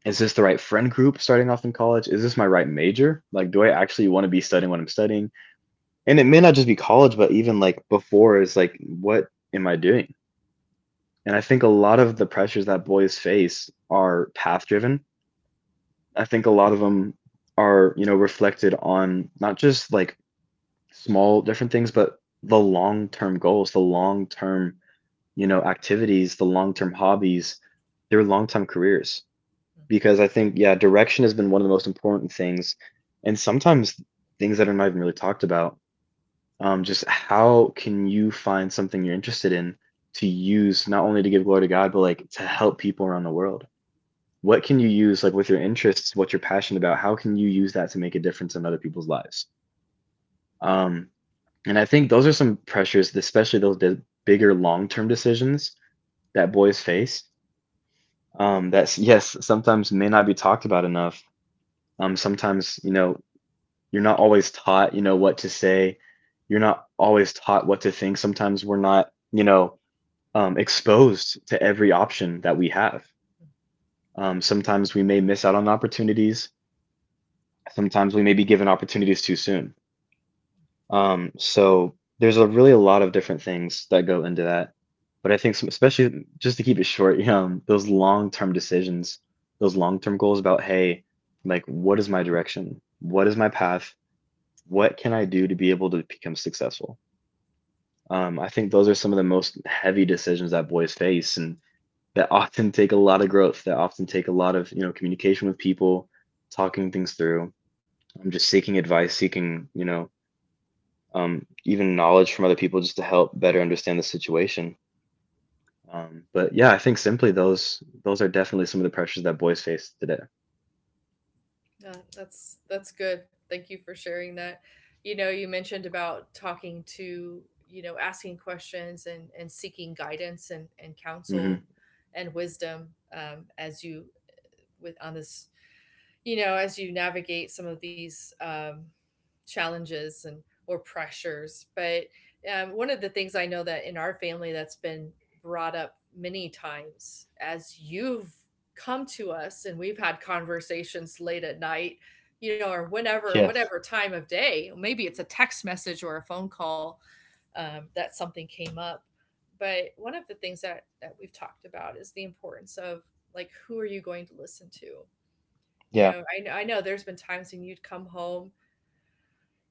[SPEAKER 2] is this the right friend group starting off in college? Is this my right major? Like, do I actually want to be studying what I'm studying? And it may not just be college, but even like before is like, what am I doing? And I think a lot of the pressures that boys face are path driven. I think a lot of them are, you know, reflected on not just like small different things, but the long term goals, the long term, you know, activities, the long term hobbies, their long term careers. Because I think, yeah, direction has been one of the most important things, and sometimes things that are not even really talked about. Um, just how can you find something you're interested in to use not only to give glory to God, but like to help people around the world? What can you use like with your interests, what you're passionate about? How can you use that to make a difference in other people's lives? Um, and I think those are some pressures, especially those de- bigger long-term decisions that boys face. Um, that's yes, sometimes may not be talked about enough. Um, sometimes you know You're not always taught, you know, what to say. You're not always taught what to think. Sometimes we're not, you know, um, exposed to every option that we have. Um, sometimes we may miss out on opportunities. Sometimes we may be given opportunities too soon. Um, so there's a really a lot of different things that go into that. But I think, some, especially just to keep it short, um, those long term decisions, those long term goals about, hey, like, what is my direction? What is my path? What can I do to be able to become successful? Um, I think those are some of the most heavy decisions that boys face, and that often take a lot of growth. That often take a lot of you know communication with people, talking things through. um, just seeking advice, seeking you know um, even knowledge from other people just to help better understand the situation. Um, but yeah, I think simply those those are definitely some of the pressures that boys face today.
[SPEAKER 1] Yeah, that's that's good. Thank you for sharing that. You know, you mentioned about talking to, you know, asking questions and and seeking guidance and and
[SPEAKER 2] Hmm.
[SPEAKER 1] counsel and wisdom, um, as you with on this, you know, as you navigate some of these, um, challenges and or pressures. But, um, one of the things I know that in our family that's been brought up many times as you've come to us and we've had conversations late at night, you know, or whenever,
[SPEAKER 2] Yes.
[SPEAKER 1] whatever time of day, maybe it's a text message or a phone call, um, that something came up. But one of the things that, that we've talked about is the importance of, like, who are you going to listen to? You
[SPEAKER 2] Yeah.
[SPEAKER 1] know, I I know there's been times when you'd come home,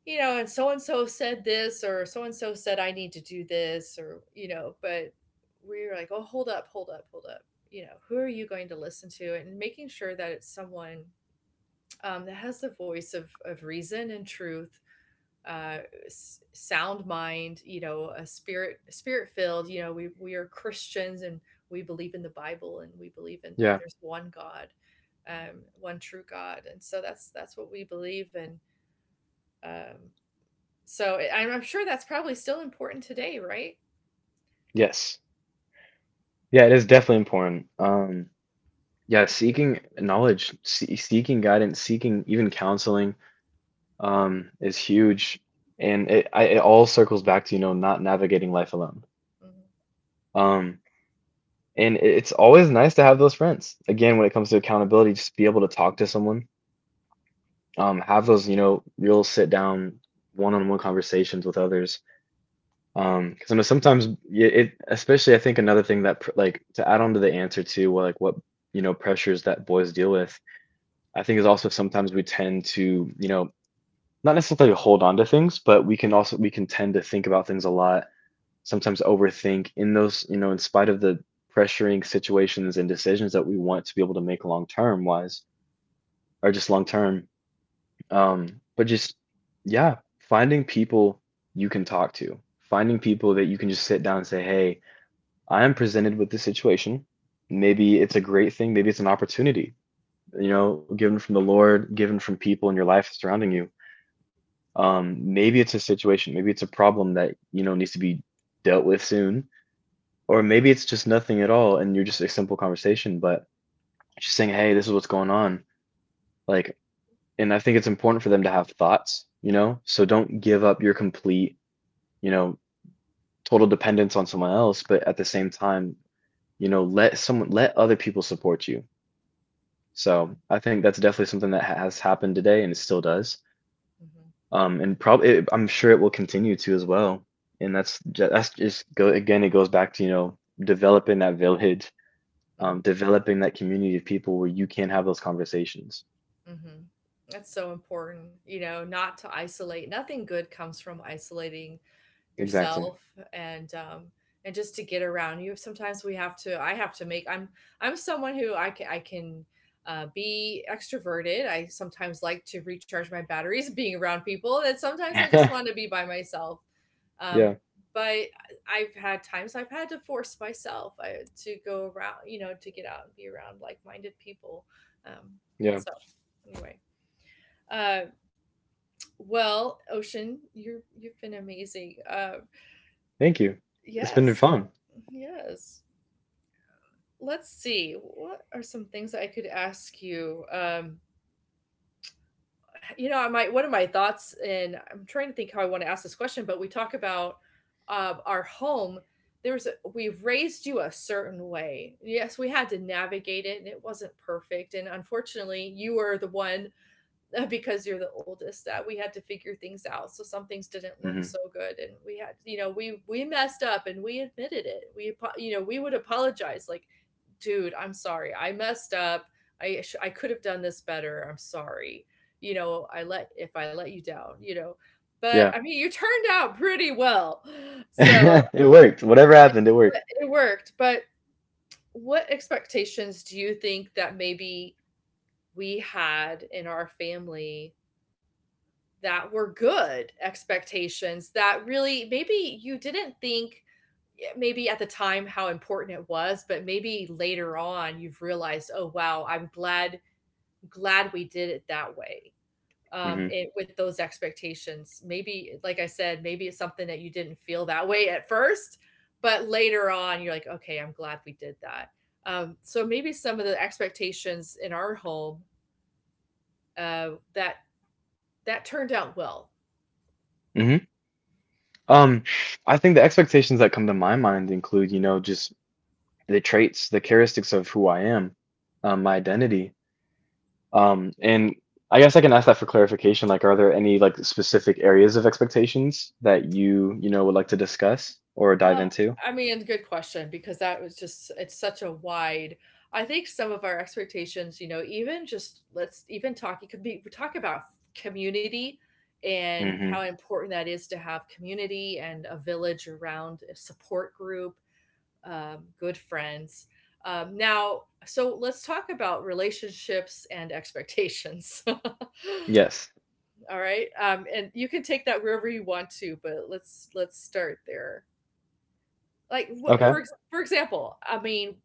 [SPEAKER 1] you know, and so and so said this or so and so said I need to do this or, you know, but we we're like, "Oh, hold up, hold up, hold up." You know, who are you going to listen to? And making sure that it's someone, um, that has the voice of of reason and truth, uh s- sound mind, you know, a spirit spirit filled, you know, we we are Christians, and we believe in the Bible and we believe in that
[SPEAKER 2] Yeah.
[SPEAKER 1] there's one God, um, one true God, and so that's that's what we believe in, um so I- i'm, I'm sure that's probably still important today, right?
[SPEAKER 2] Yes. Yeah. It is definitely important. Um, yeah.
[SPEAKER 1] Mm
[SPEAKER 2] Seeking knowledge, see- seeking guidance, seeking even counseling um, is huge, and it I, it all circles back to you know not navigating life alone.
[SPEAKER 1] hmm.
[SPEAKER 2] Um, and it's always nice to have those friends. Again, when it comes to accountability, just be able to talk to someone, um, have those you know real sit down one-on-one conversations with others. Um, because I know sometimes y- it, especially I think another thing that pr- like to add on to the answer to, well, like what you know pressures that boys deal with, I think is also sometimes we tend to you know not necessarily hold on to things, but we can also we can tend to think about things a lot, sometimes overthink in those, you know, in spite of the pressuring situations and decisions that we want to be able to make long term wise or just long term. Um, but just, yeah, finding people you can talk to, finding people that you can just sit down and say, hey, I am presented with this situation. Maybe it's a great thing, maybe it's an opportunity, you know, given from the Lord, given from people in your life surrounding you. Um, maybe it's a situation, maybe it's a problem that, you know, needs to be dealt with soon. Or maybe it's just nothing at all and you're just a simple conversation, but just saying, hey, this is what's going on. Like, and I think it's important for them to have thoughts, you know? So don't give up your complete, you know, total dependence on someone else, but at the same time, you know, let someone, let other people support you. So
[SPEAKER 1] Mm
[SPEAKER 2] I think that's definitely something that ha- has happened today and it still does. Um, and probably, I'm sure it will continue to as well. And that's ju- that's just go again. It goes back to, you know, developing that village
[SPEAKER 1] hmm.
[SPEAKER 2] um, developing that community of people where you can have those conversations.
[SPEAKER 1] Mm hmm. That's so important, you know, not to isolate. Nothing good comes from isolating
[SPEAKER 2] Exactly.
[SPEAKER 1] yourself. And um, and just to get around, you sometimes we have to I have to make, i'm i'm someone who i can i can uh, be extroverted. I sometimes like to recharge my batteries being around people, and sometimes I just want to be by myself. Um,
[SPEAKER 2] Yeah.
[SPEAKER 1] but I've had times I've had to force myself, I, to go around, you know, to get out and be around like-minded people. Um,
[SPEAKER 2] Yeah.
[SPEAKER 1] so anyway, uh, well, Ocean, you're, you've been amazing, uh.
[SPEAKER 2] Thank you. It's been
[SPEAKER 1] Yes.
[SPEAKER 2] fun.
[SPEAKER 1] Yes. Let's see. What are some things I could ask you? Um, you know, my, one of my thoughts, and I'm trying to think how I want to ask this question, but we talk about, uh, our home. There's a, we've raised you a certain way. Yes, we had to navigate it, and it wasn't perfect. And unfortunately, you were the one because you're the oldest that we had to figure things out, so some things didn't look so
[SPEAKER 2] Hmm.
[SPEAKER 1] good, and we had you know we we messed up, and we admitted it. We apo- you know we would apologize like, dude, I'm sorry, I messed up. i sh- I could have done this better. I'm sorry. you know I let, if I let you down, you know. But
[SPEAKER 2] Yeah.
[SPEAKER 1] I mean, you turned out pretty well. so
[SPEAKER 2] It worked. Whatever happened, it worked.
[SPEAKER 1] but it worked. But what expectations do you think that maybe we had in our family that were good expectations, that really maybe you didn't think, yeah, maybe at the time how important it was, but maybe later on you've realized, oh wow, I'm glad, glad we did it that way. um
[SPEAKER 2] Hmm.
[SPEAKER 1] it, with those expectations, maybe, like I said, maybe it's something that you didn't feel that way at first, but later on you're like, okay, I'm glad we did that. um so maybe some of the expectations in our home, uh that, that turned out well.
[SPEAKER 2] Hmm. Um, I think the expectations that come to my mind include, you know, just the traits, the characteristics of who I am, um, my identity. Um, and I guess I can ask that for clarification. Like, are there any like specific areas of expectations that you, you know, would like to discuss or dive
[SPEAKER 1] Uh,
[SPEAKER 2] into?
[SPEAKER 1] I mean, good question, because that was just, it's such a wide. I think some of our expectations, you know, even just, let's even talk, it could be, we talk about community and how
[SPEAKER 2] Hmm.
[SPEAKER 1] important that is, to have community and a village around, a support group, um, good friends. Um, now, so let's talk about relationships and expectations.
[SPEAKER 2] Yes.
[SPEAKER 1] All right. Um, and you can take that wherever you want to, but let's let's start there. Like what,
[SPEAKER 2] Okay.
[SPEAKER 1] for ex for example, I mean,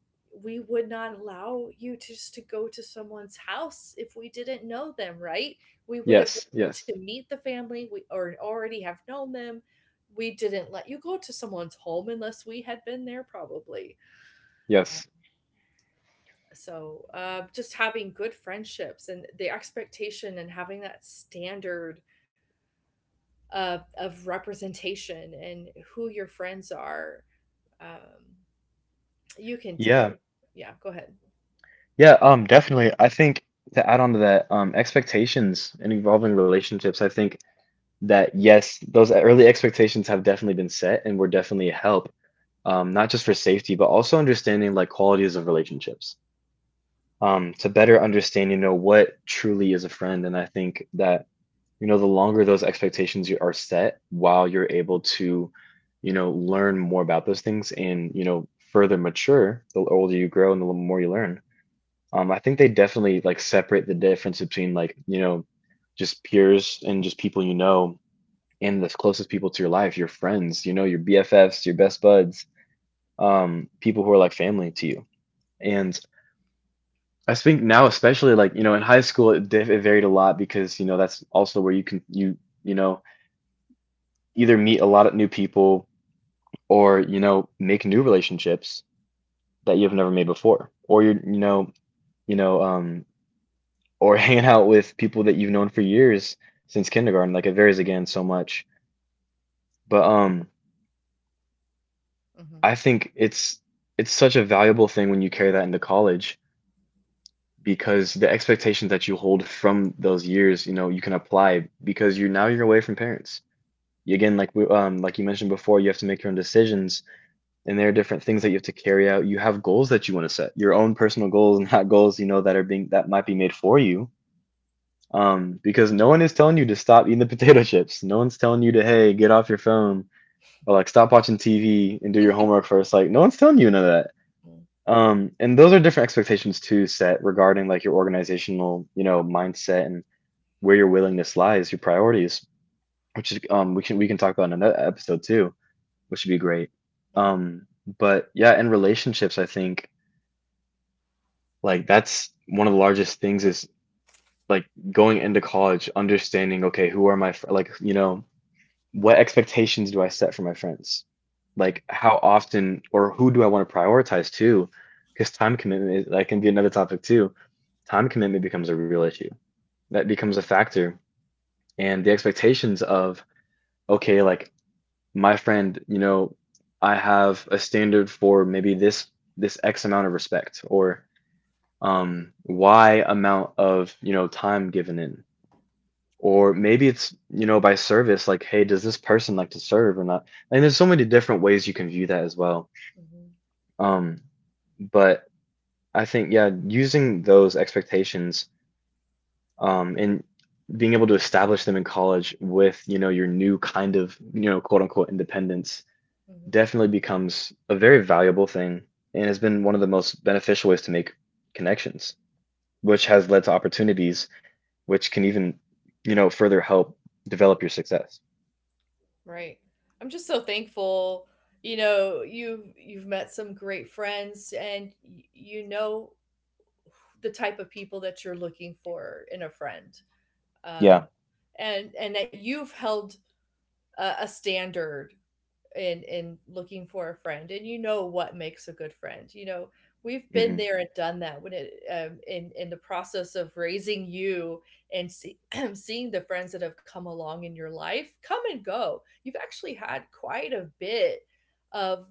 [SPEAKER 1] we would not allow you to just, to go to someone's house if we didn't know them, right? We would have
[SPEAKER 2] Yes,
[SPEAKER 1] wanted to
[SPEAKER 2] yes,
[SPEAKER 1] meet the family, we, or already have known them. We didn't let you go to someone's home unless we had been there probably. Uh,
[SPEAKER 2] yes.
[SPEAKER 1] so, uh, just having good friendships and the expectation, and having that standard of, of representation and who your friends are. Um, you can,
[SPEAKER 2] Yeah.
[SPEAKER 1] yeah, go ahead.
[SPEAKER 2] Yeah, um, definitely. I think to add on to that, um, expectations in involving relationships, I think that yes, those early expectations have definitely been set and were definitely a help, um, not just for safety, but also understanding like qualities of relationships. Um, to better understand, you know, what truly is a friend. And I think that, you know, the longer those expectations you are set, while you're able to, you know, learn more about those things and, you know, further mature the older you grow and the more you learn, um I think they definitely like separate the difference between, like, you know, just peers and just people, you know, and the closest people to your life, your friends, you know, your bffs, your best buds, um people who are like family to you. And I think now, especially like, you know, in high school, it, diff- it varied a lot because, you know, that's also where you can you you know either meet a lot of new people or, you know, make new relationships that you've never made before, or you're, you know, you know, um or hanging out with people that you've known for years since kindergarten. Like, it varies again so much. But um
[SPEAKER 1] Mhm.
[SPEAKER 2] I think it's it's such a valuable thing when you carry that into college, because the expectations that you hold from those years, you know, you can apply because you're now, you're away from parents. You again, like we um like you mentioned before, you have to make your own decisions, and there are different things that you have to carry out. You have goals that you want to set, your own personal goals, and not goals, you know, that are being that might be made for you. Um, because no one is telling you to stop eating the potato chips. No one's telling you to, hey, get off your phone or like stop watching T V and do your homework first. Like, no one's telling you none of that.
[SPEAKER 1] Mm.
[SPEAKER 2] Um, and those are different expectations to set regarding like your organizational, you know, mindset and where your willingness lies, your priorities, which is um we can, we can talk about in another episode too, which would be great.
[SPEAKER 1] Mm.
[SPEAKER 2] Um, but yeah, in relationships, I think like that's one of the largest things is like going into college, understanding, okay, who are my fr like, you know, what expectations do I set for my friends?
[SPEAKER 1] Mm.
[SPEAKER 2] Like, how often or who do I want to prioritize too? Because time commitment is, that can be another topic too. Time commitment becomes a real issue. That becomes a factor. And the expectations of, okay, like my friend, you know, I have a standard for maybe this this X amount of respect or um, Y amount of, you know, time given in. Or maybe it's, you know, by service, like, hey, does this person like to serve or not? And there's so many different ways you can view that as well.
[SPEAKER 1] Mhm.
[SPEAKER 2] Um, but I think, yeah, using those expectations um, and being able to establish them in college with, you know, your new kind of, you know, quote unquote independence
[SPEAKER 1] Mhm.
[SPEAKER 2] definitely becomes a very valuable thing and has been one of the most beneficial ways to make connections, which has led to opportunities which can even, you know, further help develop your success.
[SPEAKER 1] Right. I'm just so thankful, you know, you've you've met some great friends, and y- you know the type of people that you're looking for in a friend.
[SPEAKER 2] Yeah.
[SPEAKER 1] Um, and and that you've held a, a standard in in looking for a friend, and you know what makes a good friend. You know, we've been
[SPEAKER 2] Hmm.
[SPEAKER 1] there and done that, when it, um, in in the process of raising you, and see, seeing the friends that have come along in your life, come and go. You've actually had quite a bit of,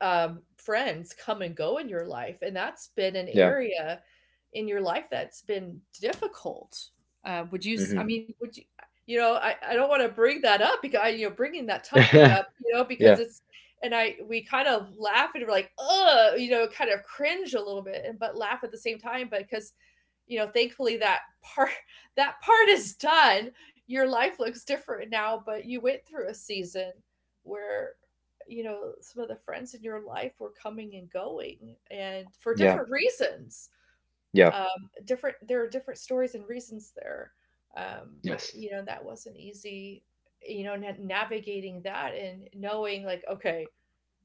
[SPEAKER 1] um, friends come and go in your life, and that's been an
[SPEAKER 2] Yeah.
[SPEAKER 1] area in your life that's been difficult. Uh, would you? s- I
[SPEAKER 2] Hmm.
[SPEAKER 1] mean, would you? You know, I, I don't want to bring that up, because I, you know, bringing that topic up, you know, because
[SPEAKER 2] Yeah.
[SPEAKER 1] it's, and I, we kind of laugh, and we're like, oh, you know, kind of cringe a little bit, and but laugh at the same time, but because, you know, thankfully that part that part is done. Your life looks different now, but you went through a season where, you know, some of the friends in your life were coming and going, and for
[SPEAKER 2] Yeah.
[SPEAKER 1] different reasons,
[SPEAKER 2] Yeah.
[SPEAKER 1] um, different, there are different stories and reasons there, um, but
[SPEAKER 2] Yes.
[SPEAKER 1] you know that wasn't easy, you know, na- navigating that, and knowing like, okay,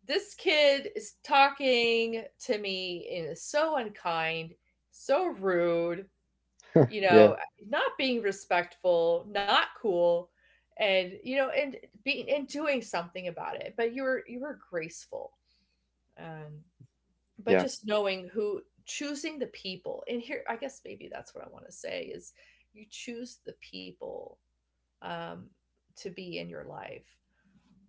[SPEAKER 1] this kid is talking to me and is so unkind, so rude, you
[SPEAKER 2] Yeah.
[SPEAKER 1] know, not being respectful, not cool, and you know, and being and doing something about it. But you were you were graceful, um, but
[SPEAKER 2] Yeah.
[SPEAKER 1] just knowing who, choosing the people. And here, I guess maybe that's what I want to say is, you choose the people, um, to be in your life.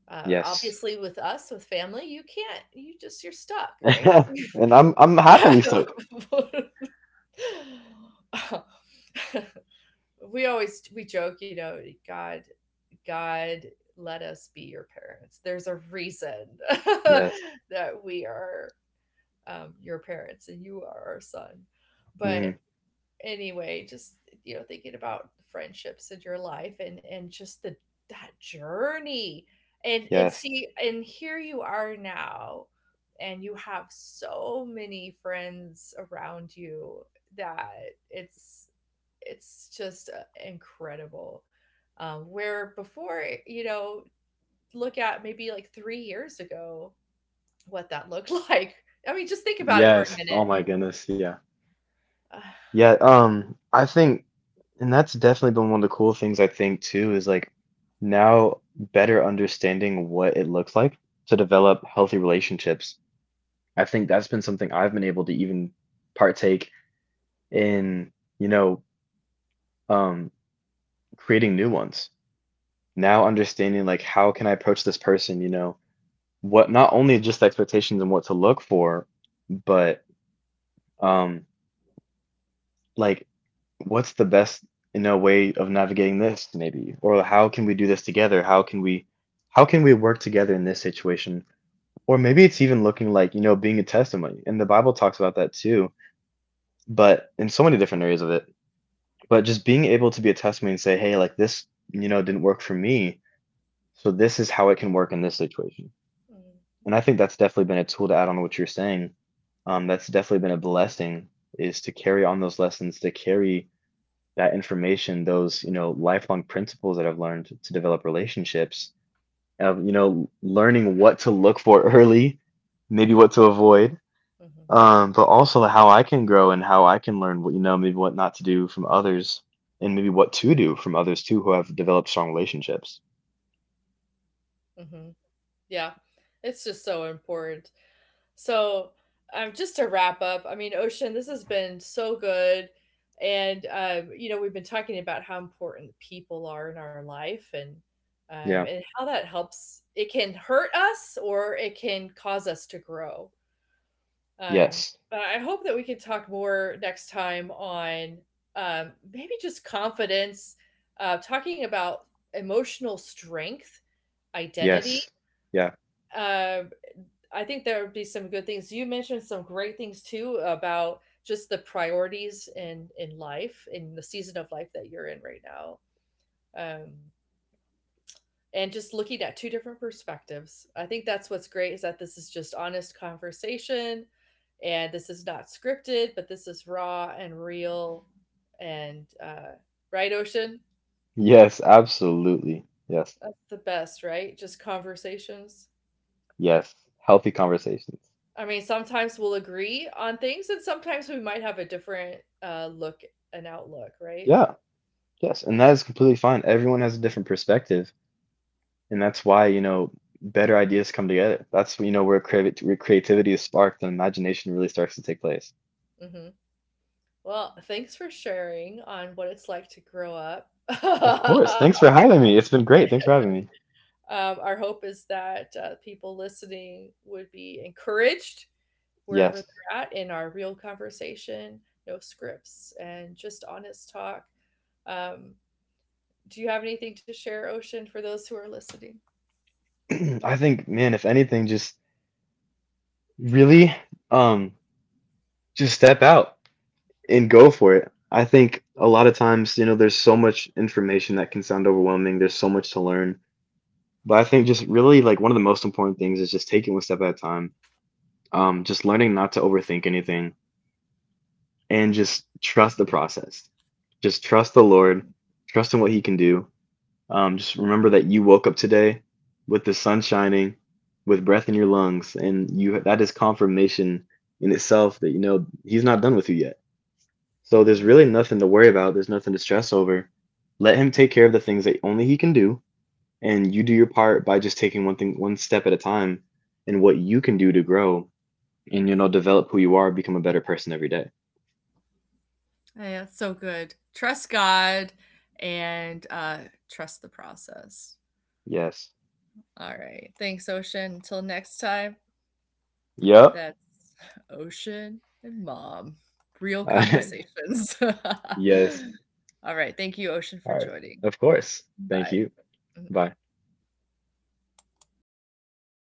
[SPEAKER 1] Uh,
[SPEAKER 2] Yes.
[SPEAKER 1] obviously, with us, with family, you can't. You just you're stuck, right?
[SPEAKER 2] And I'm I'm happily so.
[SPEAKER 1] we always we joke, you know, God, God, let us be your parents. There's a reason
[SPEAKER 2] Yes.
[SPEAKER 1] that we are, um, your parents and you are our son. But
[SPEAKER 2] Hmm.
[SPEAKER 1] anyway, just, you know, thinking about friendships in your life, and and just the, that journey, and and
[SPEAKER 2] Yes.
[SPEAKER 1] see, and here you are now, and you have so many friends around you, that it's it's just, uh, incredible. Um, where before, eh, you know, look at maybe like three years ago, what that looked like. I mean, just think about it for a
[SPEAKER 2] Yes. Oh
[SPEAKER 1] minute.
[SPEAKER 2] my goodness. Yeah.
[SPEAKER 1] Uh,
[SPEAKER 2] Yeah. Um, I think, and that's definitely been one of the cool things I think too, is like now better understanding what it looks like to develop healthy relationships. I think that's been something I've been able to even partake in, you know, um, creating new ones. Now understanding like, how can I approach this person, you know, what not only just the expectations and what to look for, but um, like what's the best, you know, way of navigating this maybe, or how can we do this together? How can we, how can we work together in this situation? Or maybe it's even looking like, you know, being a testimony, and the Bible talks about that too, but in so many different areas of it. But just being able to be a testimony and say, hey, like, this, you know, didn't work for me. So this is how it can work in this situation.
[SPEAKER 1] mm.
[SPEAKER 2] And I think that's definitely been a tool to add on what you're saying. Um, that's definitely been a blessing is to carry on those lessons, to carry that information, those, you know, lifelong principles that I've learned to develop relationships, of, you know, learning what to look for early, maybe what to avoid,
[SPEAKER 1] Mhm.
[SPEAKER 2] um, but also how I can grow and how I can learn what, you know, maybe what not to do from others and maybe what to do from others too who have developed strong relationships.
[SPEAKER 1] Mhm. Mhm. Yeah, it's just so important. So, um, just to wrap up, I mean, Ocean, this has been so good. And, um, you know, we've been talking about how important people are in our life, and, um,
[SPEAKER 2] Yeah.
[SPEAKER 1] and how that helps. It can hurt us, or it can cause us to grow. Um,
[SPEAKER 2] Yes.
[SPEAKER 1] but I hope that we can talk more next time on, um, maybe just confidence, uh, talking about emotional strength, identity,
[SPEAKER 2] Yes. Yeah.
[SPEAKER 1] um, I think there would be some good things. You mentioned some great things too, about just the priorities in in life, in the season of life that you're in right now, um, and just looking at two different perspectives. I think that's what's great, is that this is just honest conversation, and this is not scripted, but this is raw and real, and uh, right, Ocean.
[SPEAKER 2] Yes, absolutely. Yes.
[SPEAKER 1] That's the best, right? Just conversations.
[SPEAKER 2] Yes. Healthy conversations.
[SPEAKER 1] I mean, sometimes we'll agree on things, and sometimes we might have a different, uh, look and outlook, right?
[SPEAKER 2] Yeah. Yes. And that is completely fine. Everyone has a different perspective, and that's why, you know, better ideas come together. That's, you know, where creative where creativity is sparked and imagination really starts to take place.
[SPEAKER 1] Hmm. Well, thanks for sharing on what it's like to grow up.
[SPEAKER 2] Of
[SPEAKER 1] um,
[SPEAKER 2] course. Thanks for having me. It's been great. Thanks for having me.
[SPEAKER 1] our hope is that, uh, people listening would be encouraged wherever
[SPEAKER 2] Yes.
[SPEAKER 1] they're at, in our real conversation, no scripts, and just honest talk. Um, do you have anything to share, Ocean, for those who are listening?
[SPEAKER 2] I think, man, if anything, just really um just step out and go for it. I think a lot of times, you know, there's so much information that can sound overwhelming. There's so much to learn. But I think just really, like, one of the most important things is just taking one step at a time. Um, just learning not to overthink anything and just
[SPEAKER 1] Hmm.
[SPEAKER 2] trust the process. Just trust the Lord, trust in what he can do. Um, just remember that you woke up today with the sun shining, with breath in your lungs, and you, that is confirmation in itself that, you know, he's not done with you yet. So
[SPEAKER 1] Hmm.
[SPEAKER 2] there's really nothing to worry about. There's nothing to stress over. Let him take care of the things that only he can do, and you do your part by just taking one thing one step at a time and what you can do to grow and, you know, develop who you are, become a better person every day.
[SPEAKER 1] Oh, yeah, it's so good. Trust God, and uh, trust the process.
[SPEAKER 2] Yes.
[SPEAKER 1] All right. Thanks, Ocean. Until next time,
[SPEAKER 2] Yep.
[SPEAKER 1] that's Ocean and Mom. Real conversations.
[SPEAKER 2] Yes.
[SPEAKER 1] All right. Thank you, Ocean,
[SPEAKER 2] All
[SPEAKER 1] for
[SPEAKER 2] right.
[SPEAKER 1] joining.
[SPEAKER 2] Of course. Thank
[SPEAKER 1] Bye.
[SPEAKER 2] you.
[SPEAKER 1] Mhm.
[SPEAKER 2] Bye.